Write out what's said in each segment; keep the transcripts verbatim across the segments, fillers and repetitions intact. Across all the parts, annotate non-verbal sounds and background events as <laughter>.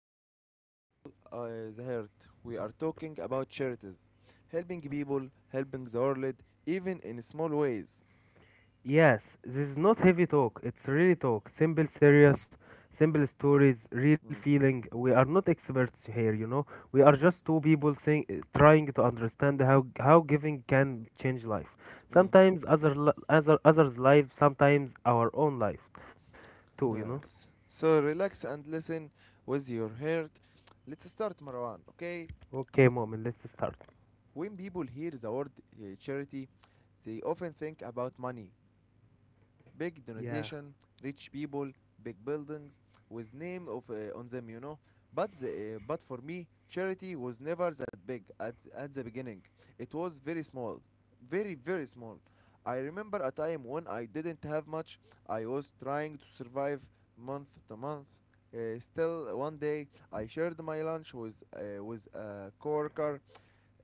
something very close to uh, the heart. We are talking about charities, helping people, helping the world, even in small ways. Yes, this is not heavy talk. It's really talk. Simple, serious, simple stories, real Mm. feeling. We are not experts here, you know. We are just two people saying, uh, trying to understand how how giving can change life. Mm, Sometimes other li- other others' life, sometimes our own life too, you know. yes. So relax and listen with your heart. Let's start, Marwan. Okay. Okay, moment, let's start. When people hear the word uh, charity, they often think about money, big Yeah. donation, rich people, big buildings with name of uh, on them, you know. But the, uh, but for me, charity was never that big at at the beginning. It was very small, very very small. I remember a time when I didn't have much. I was trying to survive month to month. Uh, still, one day I shared my lunch with uh, with a coworker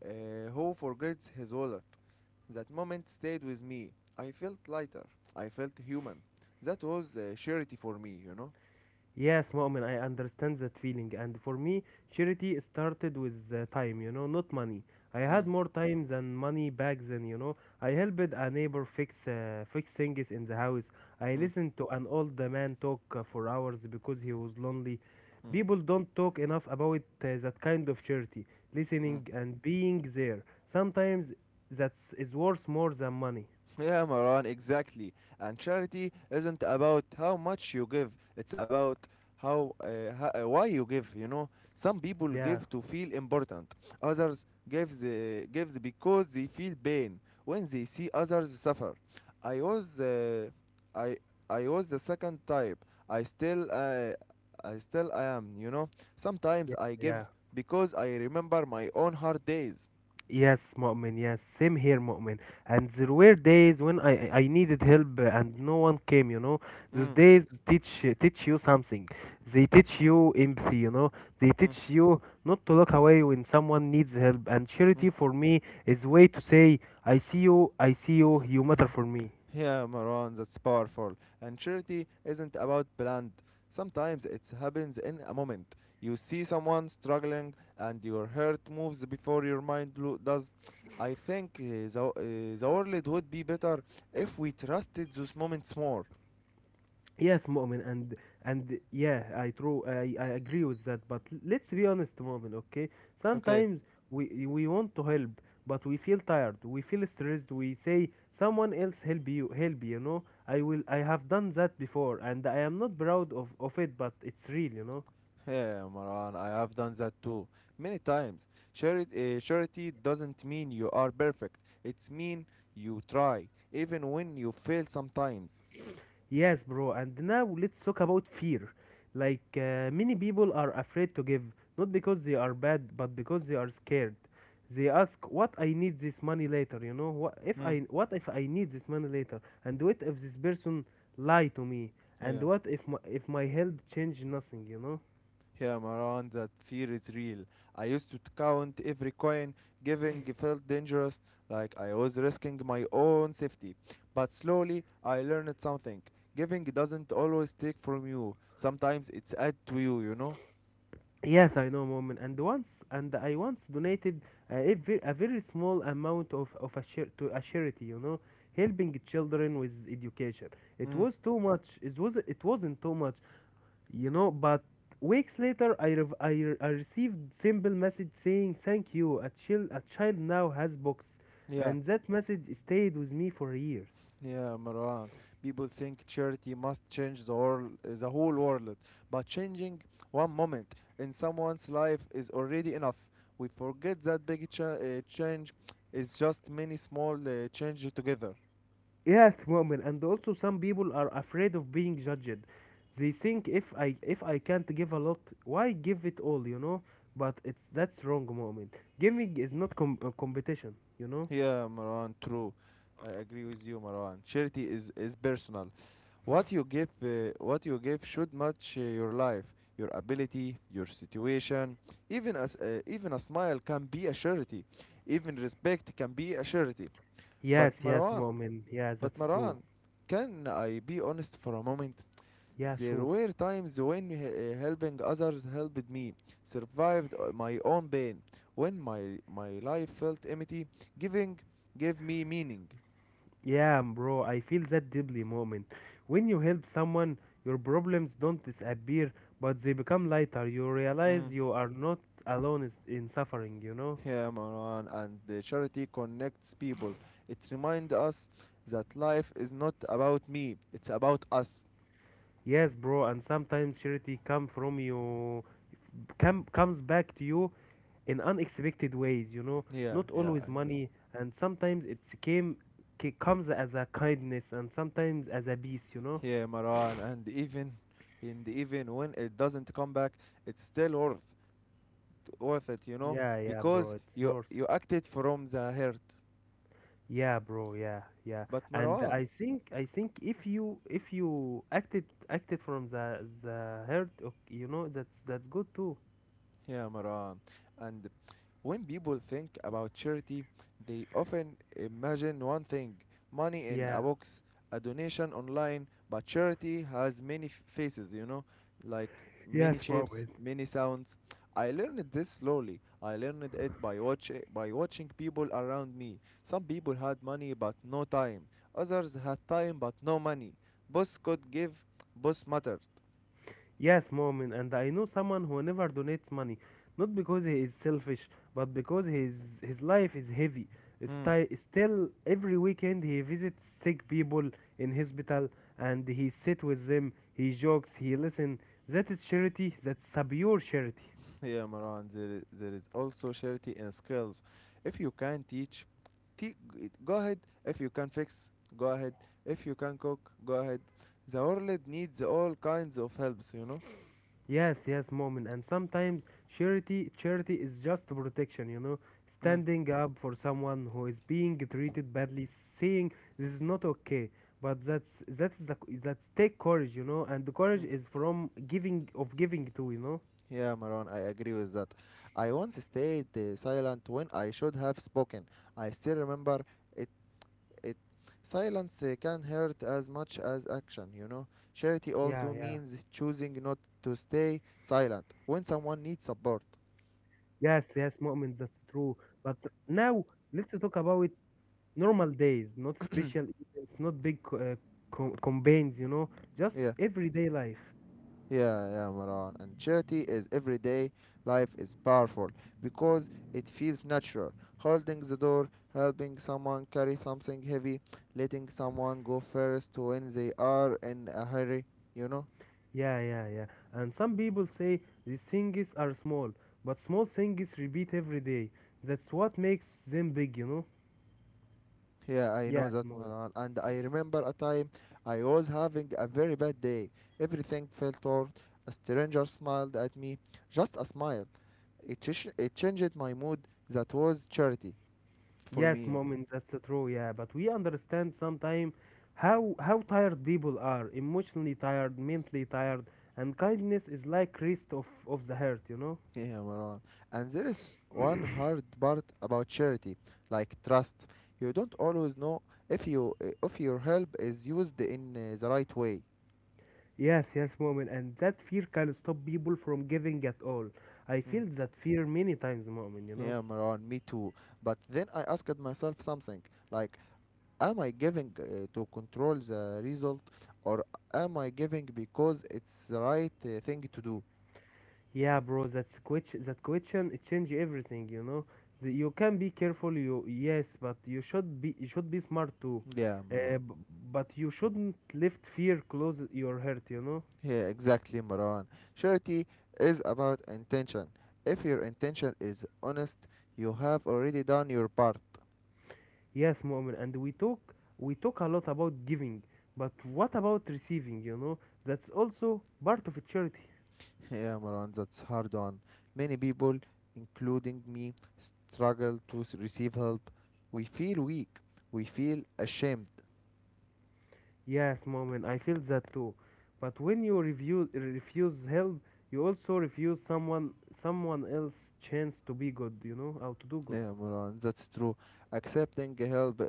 uh, who forgets his wallet. That moment stayed with me. I felt lighter. I felt human. That was uh, charity for me, you know? Yes, Mu'min, I understand that feeling. And for me, charity started with uh, time, you know, not money. I had Mm, more time than money back then, you know. I helped a neighbor fix uh, fix things in the house. I mm, listened to an old man talk uh, for hours because he was lonely. mm, People don't talk enough about uh, that kind of charity, mm. listening and being there. Sometimes that is worth more than money. Yeah, Maran, exactly. And charity isn't about how much you give, it's about how, uh, ho- uh, why you give, you know. Some people Yeah, give to feel important. Others give the, gives because they feel pain when they see others suffer. I was uh, I I was the second type. I still uh, I still I am, you know. yeah, Sometimes I give yeah. because I remember my own hard days. Yes, Mu'min, yes, same here, Mu'min. And there were days when I I I needed help uh, and no one came, you know. Those Mm, days teach teach you something. They teach you empathy, you know. They mm, teach you not to look away when someone needs help. And mm. charity for me is way to say, I see you, I see you, you matter for me. Yeah, Maran, that's powerful. And charity isn't about brand. Sometimes it happens in a moment. You see someone struggling, and your heart moves before your mind lo- does. I think uh, the, uh, the world would be better if we trusted those moments more. Yes, Mu'min, and and yeah, I true, I, I agree with that. But l- let's be honest, Mu'min, okay? Okay. Sometimes we we want to help, but we feel tired, we feel stressed. We say someone else help you, help you. You know. I will, I have done that before, and I am not proud of of it, but it's real, you know. Yeah, Maran, I have done that too. Many times. Charity, uh, charity doesn't mean you are perfect. It's mean you try, even when you fail sometimes. Yes, bro. And now let's talk about fear. Like, uh, many people are afraid to give, not because they are bad, but because they are scared. They ask, "What I need this money later?" You know, what if Hmm. I what if I need this money later? And what if this person lie to me? And Yeah. what if my, if my help change nothing? You know? Yeah, Maran, that fear is real. I used to count every coin, giving felt dangerous, like I was risking my own safety. But slowly, I learned something. Giving doesn't always take from you. Sometimes it's add to you, you know? Yes, I know, moment. And once, and I once donated uh, a, very, a very small amount of, of a share to a charity, you know, helping children with education. It Mm. was too much. It was it wasn't too much, you know. But weeks later, I rev- I, re- I received simple message saying thank you. A child a child now has books, Yeah, and that message stayed with me for years. yeah, Marwan. People think charity must change the whole, the whole world, but changing one moment in someone's life is already enough. We forget that big cha- uh, change is just many small uh, changes together. Yes, women, and also some people are afraid of being judged. They think if i if I can't give a lot, why give it all, you know? But it's that's wrong, moment. Giving is not com- a competition, you know. Yeah, Marwan, true. I agree with you, Marwan. Charity is, is personal. What you give, uh, what you give should match uh, your life, your ability, your situation. Even as uh, even a smile can be a charity. Even respect can be a charity. But Yes, yes, Marwan, moment, yes, but that's Marwan, true. can I be honest for a moment? Yeah, There sure. were times when he- uh, helping others helped me, survived uh, my own pain. When my my life felt empty, giving gave me meaning. Yeah, bro, I feel that deeply, moment. When you help someone, your problems don't disappear, but they become lighter. You Mm. realize you are not alone is- in suffering, you know. Yeah, Marwan, and the charity connects people. It reminds us that life is not about me; it's about us. Yes, bro, and sometimes charity come from you come comes back to you in unexpected ways, you know, Yeah, not yeah, I always know. money, and sometimes it's came ca- comes as a kindness and sometimes as a peace, you know. Yeah, Maran, and even in the even when it doesn't come back, it's still worth worth it, you know, Yeah, yeah, bro, because it's you worth. you acted from the hurt. Yeah, bro, yeah, yeah. But And Marwan, I think I think if you if you acted acted from the the heart, ok- you know, that's that's good too. yeah, Maran. And when people think about charity, they often imagine one thing money in a Yeah. box, a donation online. But charity has many f- faces, you know, like Yes, many bro. shapes, many sounds. I learned this slowly. I learned it by, watch- by watching people around me. Some people had money but no time, others had time but no money. Boss could give, boss mattered. Yes, Momin, and I know someone who never donates money, not because he is selfish, but because his his life is heavy. Hmm. Sti- still, every weekend he visits sick people in hospital, and he sit with them. He jokes, he listen. That is charity. That's pure charity. Yeah, Maran, there, i- there is also charity in skills. If you can teach, te- g- go ahead. If you can fix, go ahead. If you can cook, go ahead. The world needs all kinds of helps, you know? Yes, yes, moment. And sometimes charity charity is just protection, you know, Mm, standing up for someone who is being treated badly, saying this is not okay. But that's that's the that's take courage, you know, and the courage mm. is from giving of giving to, you know. Yeah, Maron, I agree with that. I once stayed uh, silent when I should have spoken. I still remember it. It silence uh, can hurt as much as action. You know, charity Yeah, also yeah. means choosing not to stay silent when someone needs support. Yes, yes, moment. That's true. But now let's talk about normal days, not special <clears throat> events, not big co- uh, co- campaigns, you know, just Yeah, everyday life. yeah, yeah, Maran. And charity is everyday life is powerful because it feels natural. Holding the door, helping someone carry something heavy, letting someone go first when they are in a hurry, you know? Yeah, yeah, yeah. And some people say these things are small, but small things repeat every day. That's what makes them big, you know? Yeah, I know Yes, that, small. Maran. And I remember a time I was having a very bad day. Everything felt off. A stranger smiled at me, just a smile it, chish- it changed my mood. That was charity for Yes, me. moment, that's true, yeah. But we understand sometimes how how tired people are, emotionally tired, mentally tired, and kindness is like rest of, of the heart, you know? Yeah, Marwan. And there is one hard part about charity, like trust. You don't always know if you eh, if your help is used in uh, the right way. Yes, yes, moment, and that fear can stop people from giving at all. I Mm. feel that fear many times, moment, you know? Yeah, Marwan, me too. But then I asked myself something like, am I giving uh, to control the result, or am I giving because it's the right uh, thing to do? Yeah, bro, that's ques- that question it change everything, you know. The, you can be careful, you yes, but you should be you should be smart too. Yeah, Uh, Marwan. b- but you shouldn't let fear close your heart, you know. Yeah, exactly, Maran. Charity is about intention. If your intention is honest, you have already done your part. <laughs> Yes, Mu'min, and we talk we talk a lot about giving, but what about receiving, you know? That's also part of charity. Yeah, Maran, that's hard on. Many people, including me, struggle to s- receive help. We feel weak. We feel ashamed. Yes, Mu'min, I feel that too. But when you review, refuse help, you also refuse someone someone else chance to be good, you know, how to do <laughs> good. Yeah, Maran, that's true. Accepting help uh,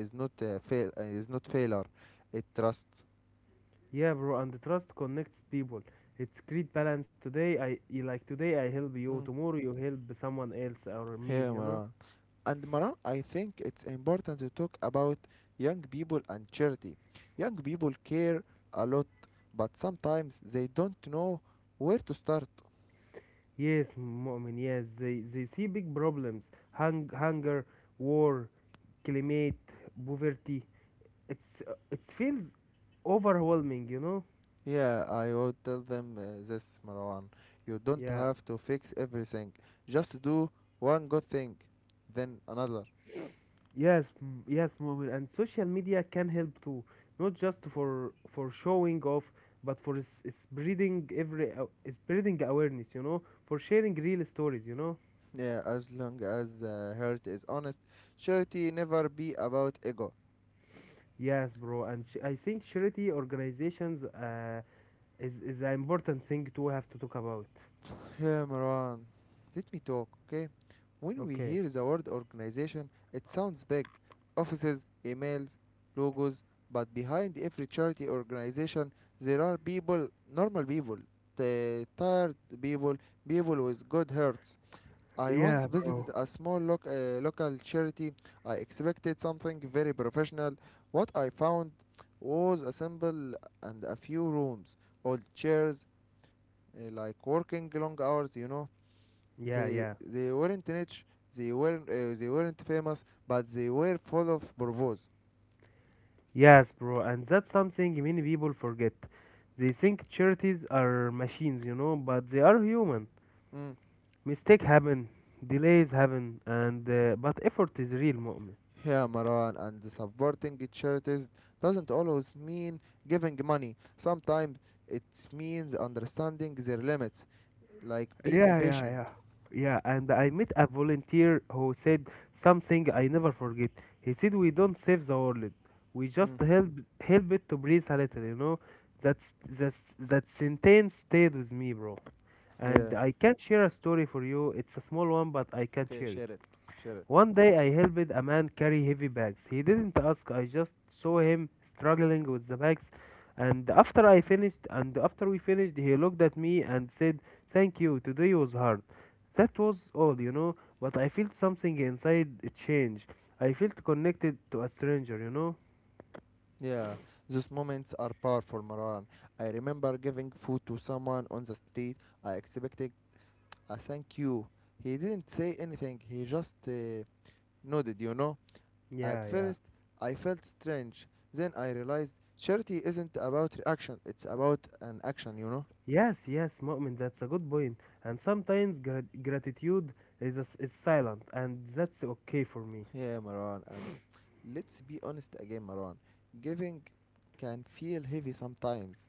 is not a fail. Uh, is not failure. It trust. Yeah, bro, and the trust connects people. It's great balance. Today I y- like today I help you, Mm. tomorrow you help someone else or me, Yeah, you know? Maran. And Maran, I think it's important to talk about young people and charity. Young people care a lot, but sometimes they don't know where to start. Yes, Mu'min, yes. They they see big problems. Hung hunger, war, climate, poverty. It's uh, it feels overwhelming, you know? Yeah, I would tell them uh, this, Marwan. You don't Yeah. have to fix everything. Just do one good thing, then another. Yes, m- yes, Mu'min, and social media can help too, not just for for showing off, but for s- spreading every uh, spreading awareness, you know, for sharing real stories, you know. Yeah, as long as the heart is honest, charity never be about ego. Yes, bro, and sh- I think charity organizations uh, is is an important thing to have to talk about. Yeah, Marwan, let me talk, okay? When we Okay. hear the word organization, it sounds big. Offices, emails, logos, but behind every charity organization, there are people, normal people, the tired people, people with good hearts. I once Yeah, bro. visited a small loc- uh, local charity. I expected something very professional. What I found was a simple and a few rooms, old chairs, uh, like working long hours, you know. Yeah, They yeah. they weren't rich, they weren't uh, they weren't famous, but they were full of purpose. Yes, bro, and that's something many people forget. They think charities are machines, you know, but they are human. Mm. Mistake happen, delays happen, and uh, but effort is real, Mu'min. Yeah, Marwan, and the supporting charities doesn't always mean giving money. Sometimes it means understanding their limits, like being Yeah, yeah, patient. yeah. Yeah, and I met a volunteer who said something I never forget. He said we don't save the world. We just Mm. help help it to breathe a little, you know. That's that's that sentence stayed with me, bro. And Yeah. I can share a story for you. It's a small one, but I can Okay, share it. share it. Share it. One day I helped a man carry heavy bags. He didn't ask, I just saw him struggling with the bags. And after I finished, and after we finished, he looked at me and said, thank you, today was hard. That was all, you know, but I felt something inside change. I felt connected to a stranger, you know? Yeah, those moments are powerful, Marwan. I remember giving food to someone on the street. I expected a thank you. He didn't say anything. He just uh, nodded, you know. At Yeah, yeah. first, I felt strange. Then I realized charity isn't about reaction, it's about an action, you know. Yes, yes, Mu'min, that's a good point. And sometimes grat- gratitude is, is silent, and that's okay for me. Yeah, Marwan. And let's be honest again, Marwan. Giving can feel heavy sometimes.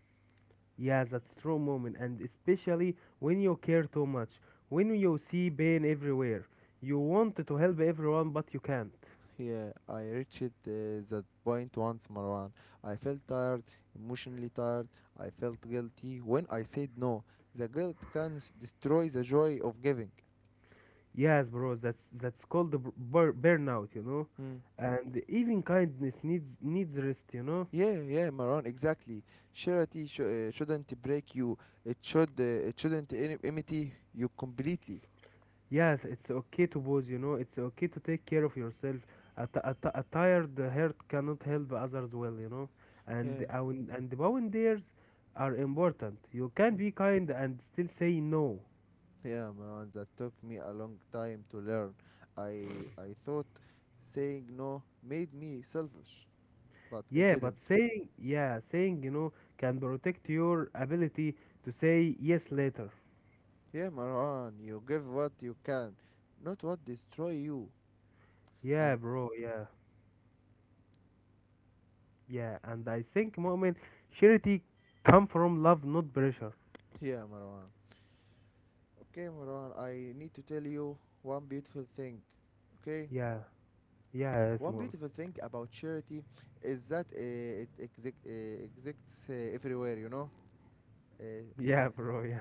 Yes, that's true, moment, and especially when you care too much, when you see pain everywhere, you want to help everyone but you can't. Yeah, I reached uh, that point once, Marwan. I felt tired, emotionally tired. I felt guilty when I said no. The guilt can s- destroy the joy of giving. Yes, bro, that's that's called the bur- bur- burnout, you know. Hmm. And even kindness needs needs rest, you know. Yeah, yeah, Maran, exactly. Charity sh- uh, shouldn't break you. It should. Uh, it shouldn't in- imitate you completely. Yes, it's okay to pause, you know. It's okay to take care of yourself. A t- a t- a tired heart cannot help others well, you know. And Yeah, our and boundaries are important. You can mm, be kind and still say no. yeah, Maran. That took me a long time to learn. I I thought saying no made me selfish, but it Yeah, but didn't. saying yeah, saying, you know, can protect your ability to say yes later. Yeah, Maran. You give what you can, not what destroy you. Yeah, And bro. Yeah, yeah. And I think, moment, charity come from love, not pressure. yeah, Maran. Okay, Maran. I need to tell you one beautiful thing. Okay. Yeah, yeah, yes, One mom. beautiful thing about charity is that uh, it exi- uh, exists uh, everywhere, you know? Uh, <laughs> Yeah, bro. Yeah.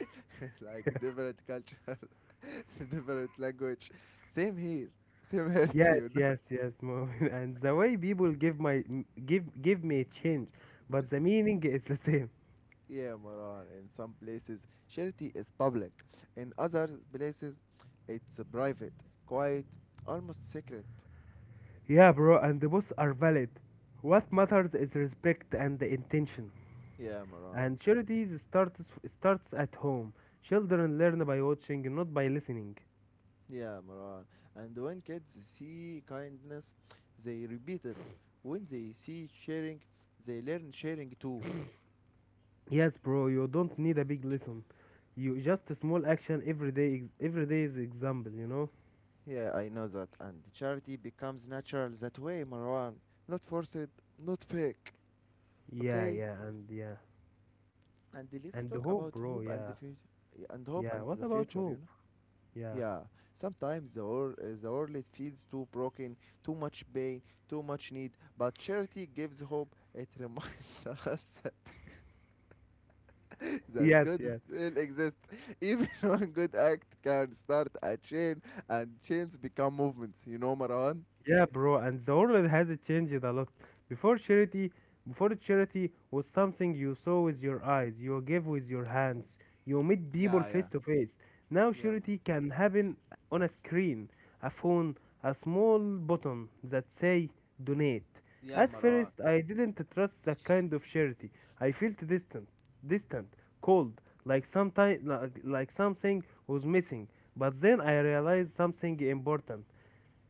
<laughs> like different culture, <laughs> different language. Same here, same here, <laughs> too, Yes, you know? yes, yes, mom. <laughs> And the way people give my m- give give me change, but the meaning is the same. Yeah, Moran. In some places, charity is public, in other places, it's private, quiet, almost secret. Yeah, bro. And the both are valid. What matters is respect and the intention. Yeah, Moran. And charities starts starts at home. Children learn by watching, not by listening. Yeah, Marwan. And when kids see kindness, they repeat it. When they see sharing, they learn sharing too. Yes, bro, you don't need a big lesson. You just a small action every day. Ex- every day is example, you know. Yeah, I know that. And charity becomes natural that way, Marwan. Not forced, not fake. Yeah, Okay? yeah, and yeah, And let's and the talk about hope, bro. hope and the Yeah, future. And hope yeah. and What the about future, you hope? know? Yeah. Yeah, sometimes the, wor- uh, the world it feels too broken, too much pain, too much need, but charity gives hope. It reminds <laughs> us <laughs> that Yes, God yes. still exists. Even <laughs> one good act can start a chain, and chains become movements. You know, Marwan? Yeah, bro, and the world has changed a lot. Before charity, Before charity was something you saw with your eyes, you gave with your hands, you meet people Yeah, face yeah, to face. Now yeah, Mar- charity can happen on a screen, a phone, a small button that say donate. yeah, At Marwan. first, I didn't trust that kind of charity. I felt distant, distant, cold, like sometimes like, like something was missing. But then I realized something important.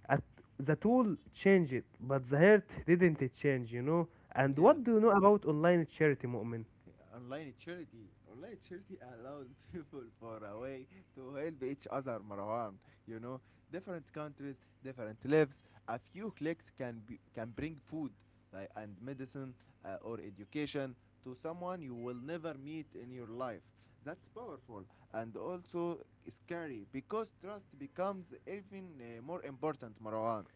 At the tool changed, but the heart didn't change, you know. And Yeah, what do you know about online charity, Mu'min? online charity. Online charity allows <laughs> people far away to help each other, Marwan. You know, different countries, different lives. A few clicks can be, can bring food like, and medicine uh, or education to someone you will never meet in your life. That's powerful and also scary because trust becomes even uh, more important, Marwan.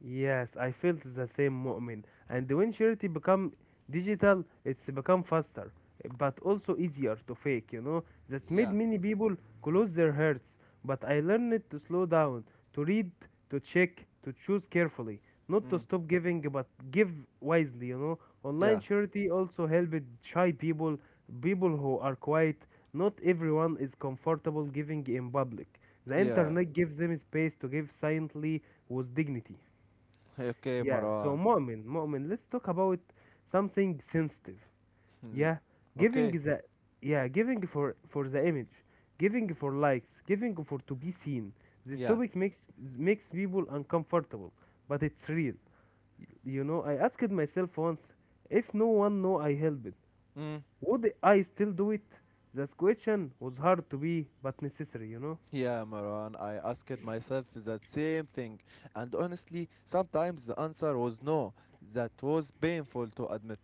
Yes, I felt the same, moment. And when charity become digital, it's become faster, but also easier to fake, you know. That's made Yeah. many people close their hearts. But I learned to slow down, to read, to check, to choose carefully, not to Mm. stop giving, but give wisely, you know. Yeah. Online charity also helped shy people, people who are quiet. Not everyone is comfortable giving in public. The Yeah. <laughs> internet gives them space to give silently with dignity. Okay, Yeah, so Marwan. Mu'min, Mu'min, let's talk about something sensitive. <laughs> Yeah, giving okay. the yeah, giving for for the image, giving for likes, giving for to be seen. This Yeah. topic makes makes people uncomfortable, but it's real. You know, I asked myself once, if no one know I helped, Mm, would I still do it? That question was hard to be, but necessary, you know? yeah, Maran, I asked myself that same thing, and honestly, sometimes the answer was no. That was painful to admit.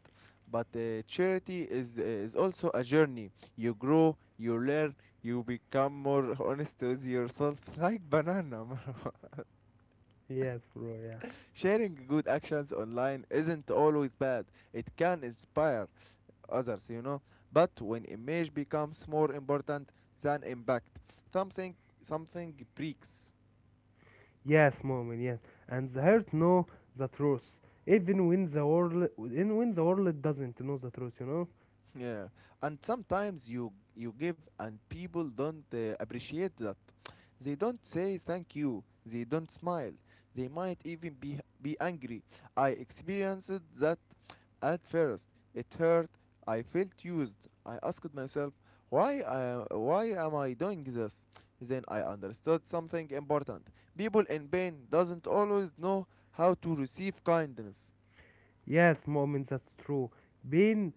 But uh, charity is, uh, is also a journey. You grow, you learn, you become more <laughs> honest with yourself, <laughs> like banana, Marwan. Yes, bro, yeah. Sharing good actions online isn't always bad, it can inspire others, you know. But when image becomes more important than impact, something something breaks. Yes, moment, yes. And the heart know the truth. Even when the world even when the world doesn't know the truth, you know? Yeah, and sometimes you you give and people don't uh, appreciate that. They don't say thank you. They don't smile. They might even be be angry. I experienced that at first. It hurt. I felt used. I asked myself, why I, why am I doing this? Then I understood something important. People in pain doesn't always know how to receive kindness. Yes, moment, that's true. Pain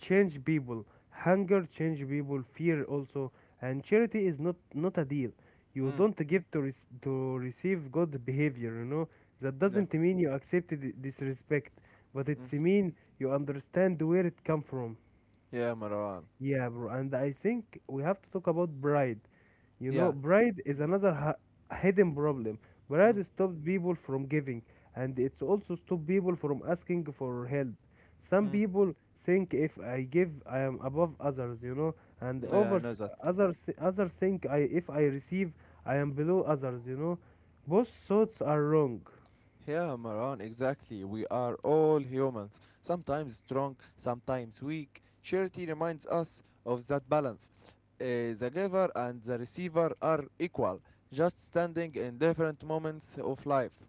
change people. Hunger change people, fear also. And charity is not not a deal. You Mm. don't give to rec- to receive good behavior, you know? That Yeah. doesn't mean you accept di- disrespect, but Mm. it's mean you understand where it come from. Yeah, Marwan. Yeah, bro. And I think we have to talk about pride. You know, Yeah. pride is another ha- hidden problem. Mm. Pride stops people from giving, and it's also stops people from asking for help. Some Hmm. people think if I give, I am above others, you know, and Yeah, I others, know that. others, others think I, if I receive, I am below others, you know. Both thoughts are wrong. Yeah, Maran, exactly. We are all humans, sometimes strong, sometimes weak. Charity reminds us of that balance. Uh, the giver and the receiver are equal, just standing in different moments of life.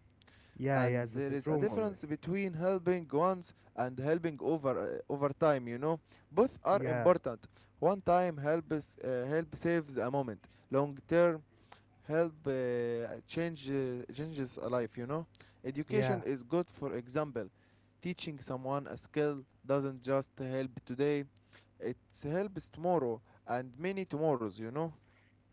Yeah, And yeah, that's there a is a true moment. difference between helping once and helping over uh, over time. You know, both are Yeah, important. One time helps uh, help saves a moment. Long term help uh, change uh, changes a life, you know. yeah. Education is good, for example. Teaching someone a skill doesn't just help today, it helps tomorrow and many tomorrows, you know.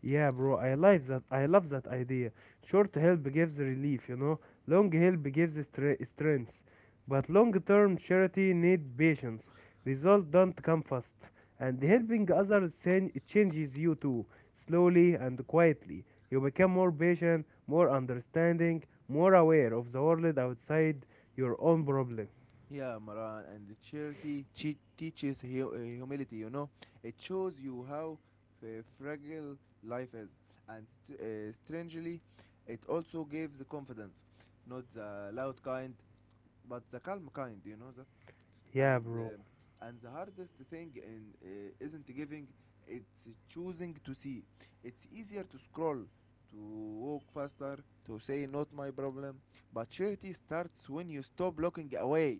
Yeah, bro, I like that. I love that idea. Short help gives relief, you know. Long help gives stre- strength. But long-term charity need patience. Results don't come fast. And Yeah. helping others chan- it changes you too, slowly and quietly. You become more patient, more understanding, more aware of the world outside your own problem. Yeah, Maran, and the charity che- teaches hu- uh, humility, you know. It shows you how f- fragile life is. And st- uh, strangely, it also gives the confidence. Not the loud kind, but the calm kind, you know that? Yeah, and bro. uh, and the hardest thing in uh, isn't giving, it's choosing to see. It's easier to scroll, to walk faster, to say not my problem. But charity starts when you stop looking away.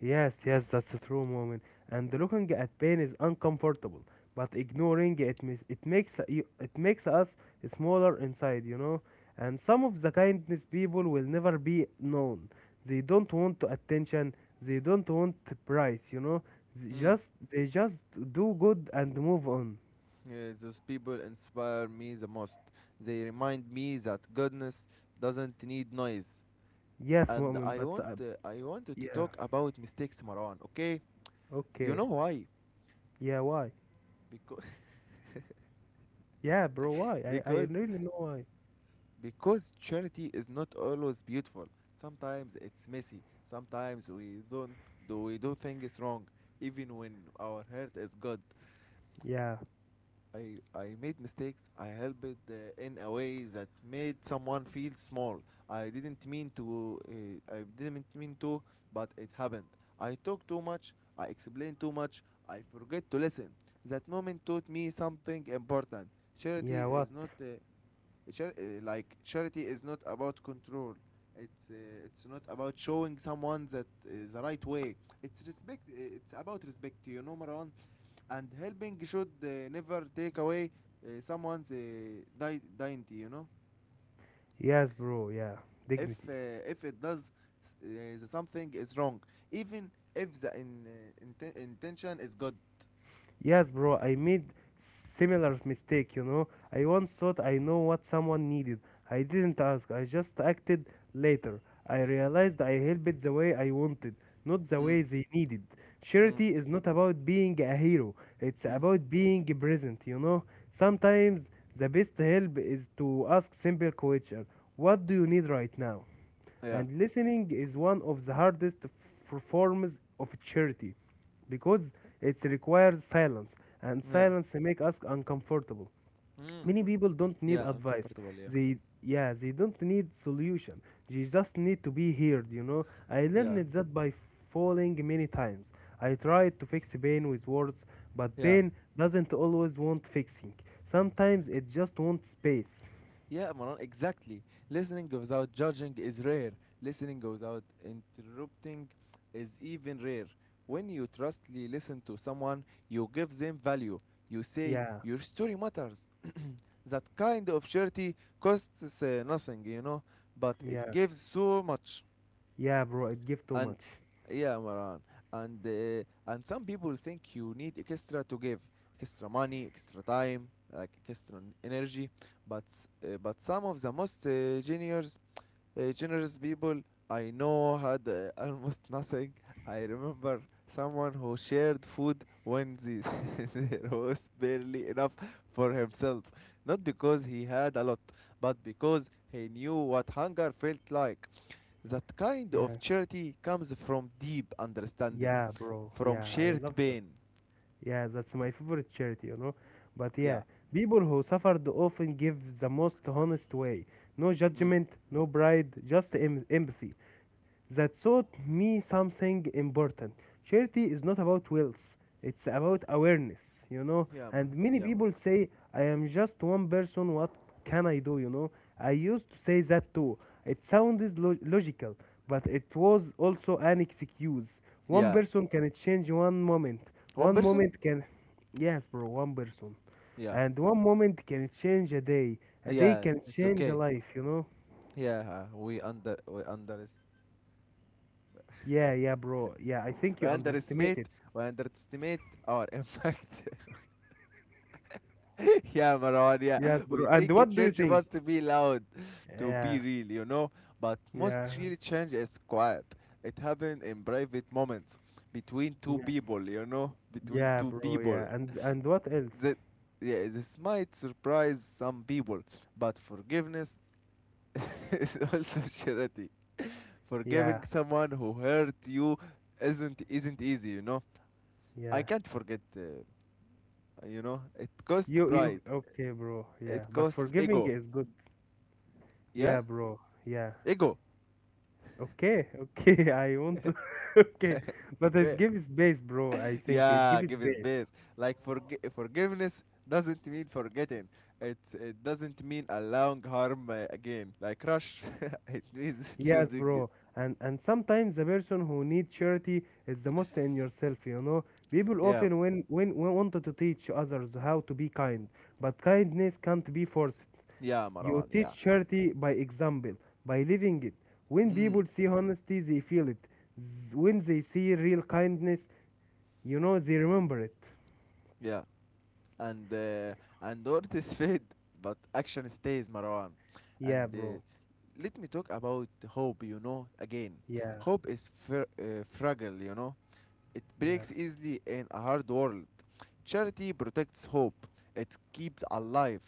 Yes, yes, that's a true moment. And looking at pain is uncomfortable, but ignoring it mis- it makes you it makes us smaller inside, you know. And some of the kindness people will never be known. They don't want attention. They don't want price, you know. They Mm. just they just do good and move on. Yeah, those people inspire me the most. They remind me that goodness doesn't need noise. Yes, And moment, I but want uh, uh, I wanted to yeah, talk about mistakes, Marwan. Okay, you okay, know why? yeah, why? Because Yeah, bro, <laughs> why? I I because really know why. because charity is not always beautiful. Sometimes it's messy. Sometimes we don't do we do things wrong, even when our heart is good. Yeah, I I made mistakes. I helped uh, in a way that made someone feel small. I didn't mean to. Uh, I didn't mean to, but it happened. I talk too much. I explain too much. I forget to listen. That moment taught me something important. Charity yeah, what? is not uh, char- uh, like Charity is not about control, it's uh, it's not about showing someone that is the right way, it's respect uh, it's about respect, you know, Marwan. And helping should uh, never take away uh, someone's uh, di- dignity, you know. Yes, bro, yeah, if dignity. uh, if it does, s- uh, the something is wrong, even if the in, uh, inten- intention is good. Yes, bro, I made similar mistake, you know. I once thought I know what someone needed. I didn't ask. I just acted later. I realized I helped the way I wanted, not the Mm. way they needed. Mm. Charity is not about being a hero. It's Mm. about being present, you know. Sometimes the best help is to ask simple question. What do you need right now? Yeah. And listening is one of the hardest f- forms of charity because it requires silence, and Yeah. silence make us uncomfortable. Mm. Many people don't need Yeah, advice. uncomfortable, yeah. They yeah, they don't need solution. They just need to be heard, you know. I Yeah. learned that by falling many times. I tried to fix pain with words, but Yeah. pain doesn't always want fixing. Sometimes it just wants space. Yeah, Maran, exactly. Listening without judging is rare. Listening without interrupting is even rare. When you trustly listen to someone, you give them value. You say, Yeah, "Your story matters." That kind of charity costs uh, nothing, you know, but it yeah, gives so much. yeah, bro, it gives too And much. yeah, Maran, and uh, and some people think you need extra to give, extra money, extra time, like extra n- energy. But s- uh, but some of the most uh, generous uh, generous people I know had uh, almost <laughs> nothing. I remember someone who shared food when the, <laughs> there was barely enough for himself, not because he had a lot, but because he knew what hunger felt like. That kind of Yeah. charity comes from deep understanding, Yeah, bro. from Yeah, I shared love that. pain. Yeah, that's my favorite charity, you know. But yeah, Yeah. people who suffered often give the most honest way. No Mm. judgment, no pride, just em- empathy that taught me something important. Charity is not about wealth, it's about awareness, you know. Yeah, man. And many Yeah, man. people say, I am just one person, what can I do, you know? I used to say that too. It sounds lo- logical, but it was also an excuse. One Yeah. person can change one moment, One one person? moment can, yes, bro, one person. Yeah. And one moment can change a day, a day Yeah. can It's change a okay. life, you know? Yeah. uh, We under we under Yeah, yeah, bro. Yeah, I think we you underestimate, underestimated. we underestimate our <laughs> impact. <laughs> Yeah, Marwan, yeah. Yes, We bro. And think a what do you change think? must be loud to be Yeah, real, you know? But most yeah, real change is quiet. It happened in private moments between two yeah, people, you know? Between yeah, two bro. people. Yeah, and and what else? That, yeah, this might surprise some people, but forgiveness <laughs> is also charity. Yeah, Forgiving someone who hurt you isn't isn't easy, you know? I yeah. can't forget, uh, you know? It costs You you pride. okay, bro? Yeah, It but costs forgiving ego. is good. Yeah? Yeah, bro. Yeah. Ego, Okay, okay. <laughs> I want to. <laughs> Okay, <laughs> but it okay. gives space, bro. I think it Yeah, gives give his space. best. Like forg forgiveness doesn't mean forgetting. It it doesn't mean allowing harm uh, again. Like rush, <laughs> it means <laughs> Yes, choosing it. bro. And and sometimes the person who need charity is the most in yourself, you know. People Yeah, often when when, when wanted to teach others how to be kind, but kindness can't be forced. yeah, You Marwan. Yeah. teach charity by example, by living it. When Mm, people see honesty, they feel it. Z- When they see real kindness, you know, they remember it. yeah. And uh, and words is fade, but action stays, Marwan. Yeah, And uh, bro. let me talk about hope. You know, again, Yeah, hope is fr- uh, fragile. You know, it yeah. breaks easily in a hard world. Charity protects hope. It keeps alive.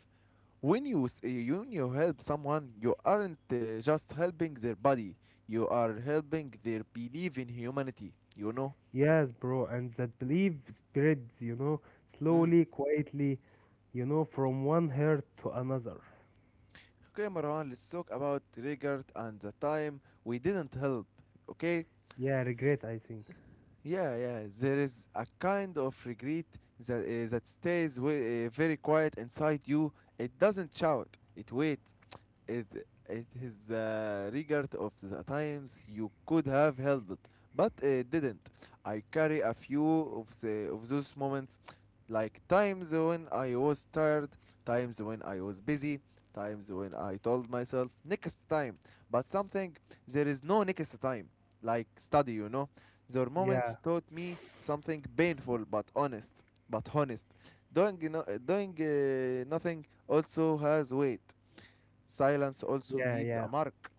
When you s- eh, when you help someone, you aren't uh, just helping their body. You are helping their belief in humanity. You know. Yes, bro. And that belief spreads, you know, Mm. slowly, quietly. You know, from one hurt to another. Okay, Marwan. Let's talk about regret and the time we didn't help. Okay. Yeah, regret, I think. Yeah, yeah. There is a kind of regret that uh, that stays wi- uh, very quiet inside you. It doesn't shout. It waits. It it is the regret of the times you could have helped, but it didn't. I carry a few of the of those moments, like times when I was tired, times when I was busy, times when I told myself next time. But something, there is no next time, like study, you know. Their Yeah, moments taught me something painful but honest, but honest. Doing no, doing uh, nothing also has weight. Silence also yeah, leaves yeah. a mark.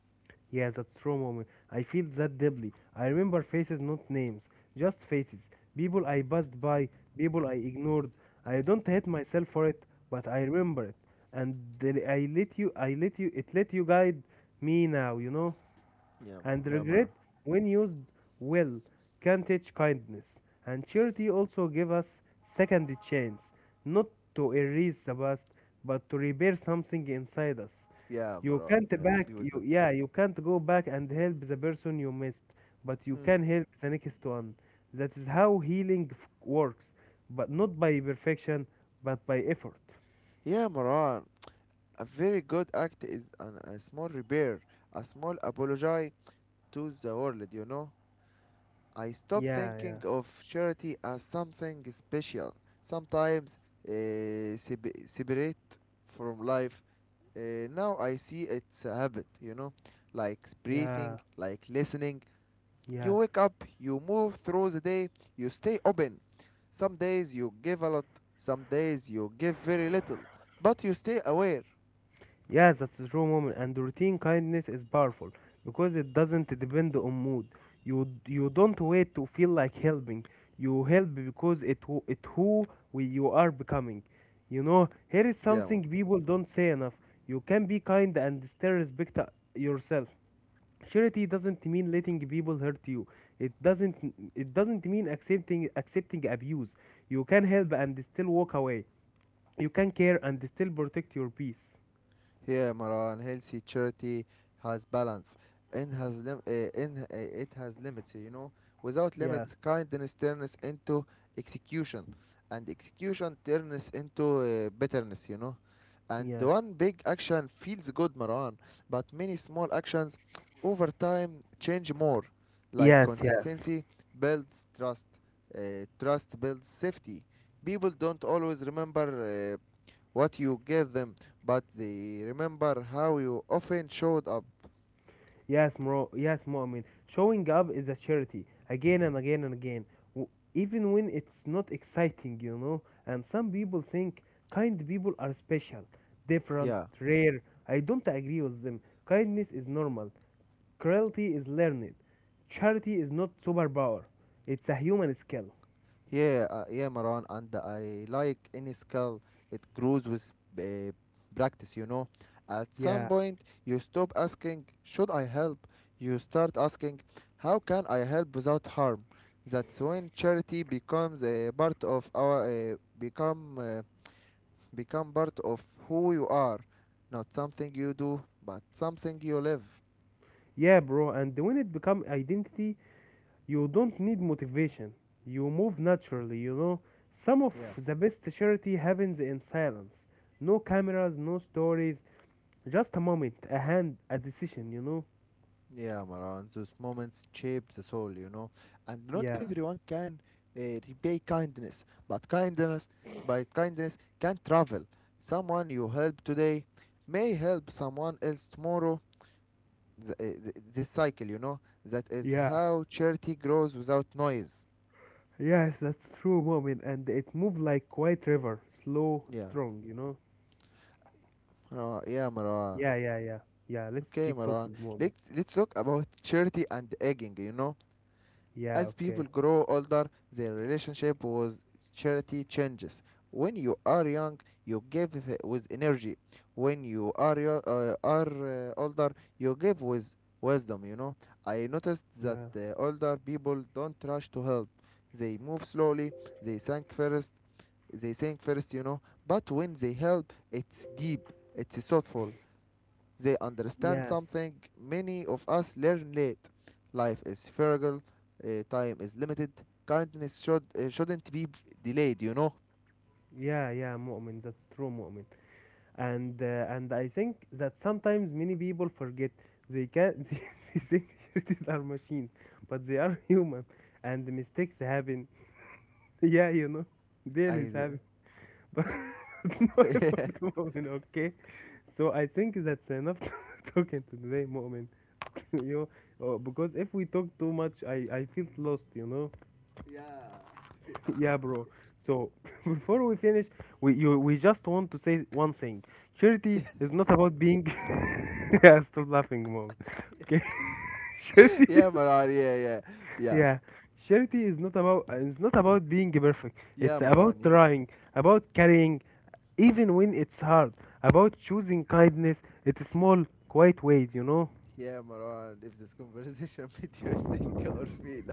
Yeah, that's true, moment. I feel that deeply. I remember faces, not names, just faces. People I passed by, people I ignored. I don't hate myself for it, but I remember it. And the- I let you, I let you, it let you guide me now, you know? Yeah, And yeah, Maran. regret, when used well, can teach kindness, and charity also give us second chance, not to erase the past but to repair something inside us. Yeah, You Maran. can't I back agree with you that. yeah, you can't go back and help the person you missed, but you Hmm. can help the next one. That is how healing f- works, but not by perfection, but by effort. Yeah, Maran. A very good act is an, a small repair, a small apology to the world, you know. I stopped Yeah, yeah, thinking of charity as something special, sometimes uh, sep- separate from life. Uh, now I see it's a habit, you know, like yeah, breathing, like listening. You yes. wake up, you move through the day, you stay open. Some days you give a lot, some days you give very little, but you stay aware. Yeah, that's a true moment. And routine kindness is powerful because it doesn't depend on mood. You you don't wait to feel like helping. You help because it who it who we, you are becoming. You know, here is Yeah, something people don't say enough. You can be kind and still respect uh, yourself. Charity doesn't mean letting people hurt you. It doesn't it doesn't mean accepting accepting abuse. You can help and still walk away. You can care and still protect your peace. yeah, Maran. Healthy charity has balance and has lim- uh, in, uh, it has limits. You know, without Yeah, limits, kindness turns into execution, and execution turns into uh, bitterness. You know. And yeah. one big action feels good, Marwan, but many small actions over time change more. Like Yes, yes, consistency builds trust, uh, trust builds safety. People don't always remember uh, what you gave them, but they remember how you often showed up. yes, bro. Yes, Mu'min. Showing up is a charity again and again and again, w- even when it's not exciting, you know. And some people think kind people are special, different, Yeah. rare. I don't agree with them. Kindness is normal, cruelty is learned, charity is not superpower, it's a human skill. Yeah, uh, yeah, Maran, and I like any skill. It grows with uh, practice, you know. At some Yeah, point, you stop asking, "Should I help?" You start asking, "How can I help without harm?" That's when charity becomes a part of our uh, become uh, become part of who you are, not something you do, but something you live. yeah, bro. And when it become identity, you don't need motivation. You move naturally, you know. Some of Yeah. the best charity happens in silence. No cameras, no stories, just a moment, a hand, a decision, you know. Yeah, Maran, those moments shape the soul, you know. And not Yeah. everyone can uh, repay kindness, but kindness, by kindness, can travel. Someone you help today may help someone else tomorrow. Th- uh, th- this cycle, you know, that is Yeah. how charity grows without noise. Yes, that's true moment and it moved like quiet river, slow, Yeah, strong, you know. Maran, yeah, Maran. Yeah, yeah, yeah. Yeah, let's Okay, keep Maran. talking moment. Let's let's talk about charity and egging, you know. Yeah, As people okay. grow older, their relationship with charity changes. When you are young, you give with energy. When you are yo- uh, are uh, older, you give with wisdom. You know, I noticed that Yeah. uh, older people don't rush to help. They move slowly. They think first. They think first. You know, but when they help, it's deep. It's thoughtful. They understand Yes. something many of us learn late. Life is fragile, uh, time is limited, kindness should, uh, shouldn't be delayed, you know? Yeah, yeah, moment. That's true moment. and uh, and I think that sometimes many people forget they can <laughs> they, think shirties are machines, but they are <laughs> human, and mistakes happen. <laughs> Yeah, you know, daily I. is happen, <laughs> but no <laughs> yeah. effort, moment. Okay, so I think that's enough <laughs> to talking today, moment. <laughs> You know, uh, because if we talk too much, I I feel lost. You know. <laughs> Yeah, bro. So <laughs> before we finish, we you we just want to say one thing. Charity is not about being. <laughs> Yeah, stop laughing, mom. Okay, <laughs> charity. Yeah, Maran. Yeah, yeah, yeah, Yeah, charity is not about it's not about being perfect. yeah, It's Maran. about Yeah, trying, about carrying, even when it's hard. About choosing kindness. It's small, quiet ways, you know. yeah, Maran. If this conversation <laughs> made you think or feel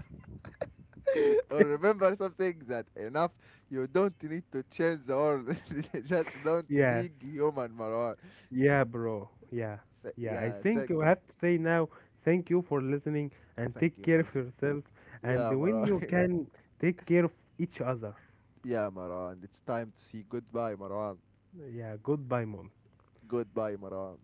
<laughs> or remember something, that enough. You don't need to change the world. <laughs> Just don't Yes. be human, Maran. Yeah, bro. Yeah. So, Yeah. I yeah. So, think you have to say now thank you for listening and thank take you care for. of yourself. And Yeah, when you Maran. <laughs> can, take care of each other. Yeah, Maran. It's time to see goodbye, Maran. Yeah. Goodbye, mom. Goodbye, Maran.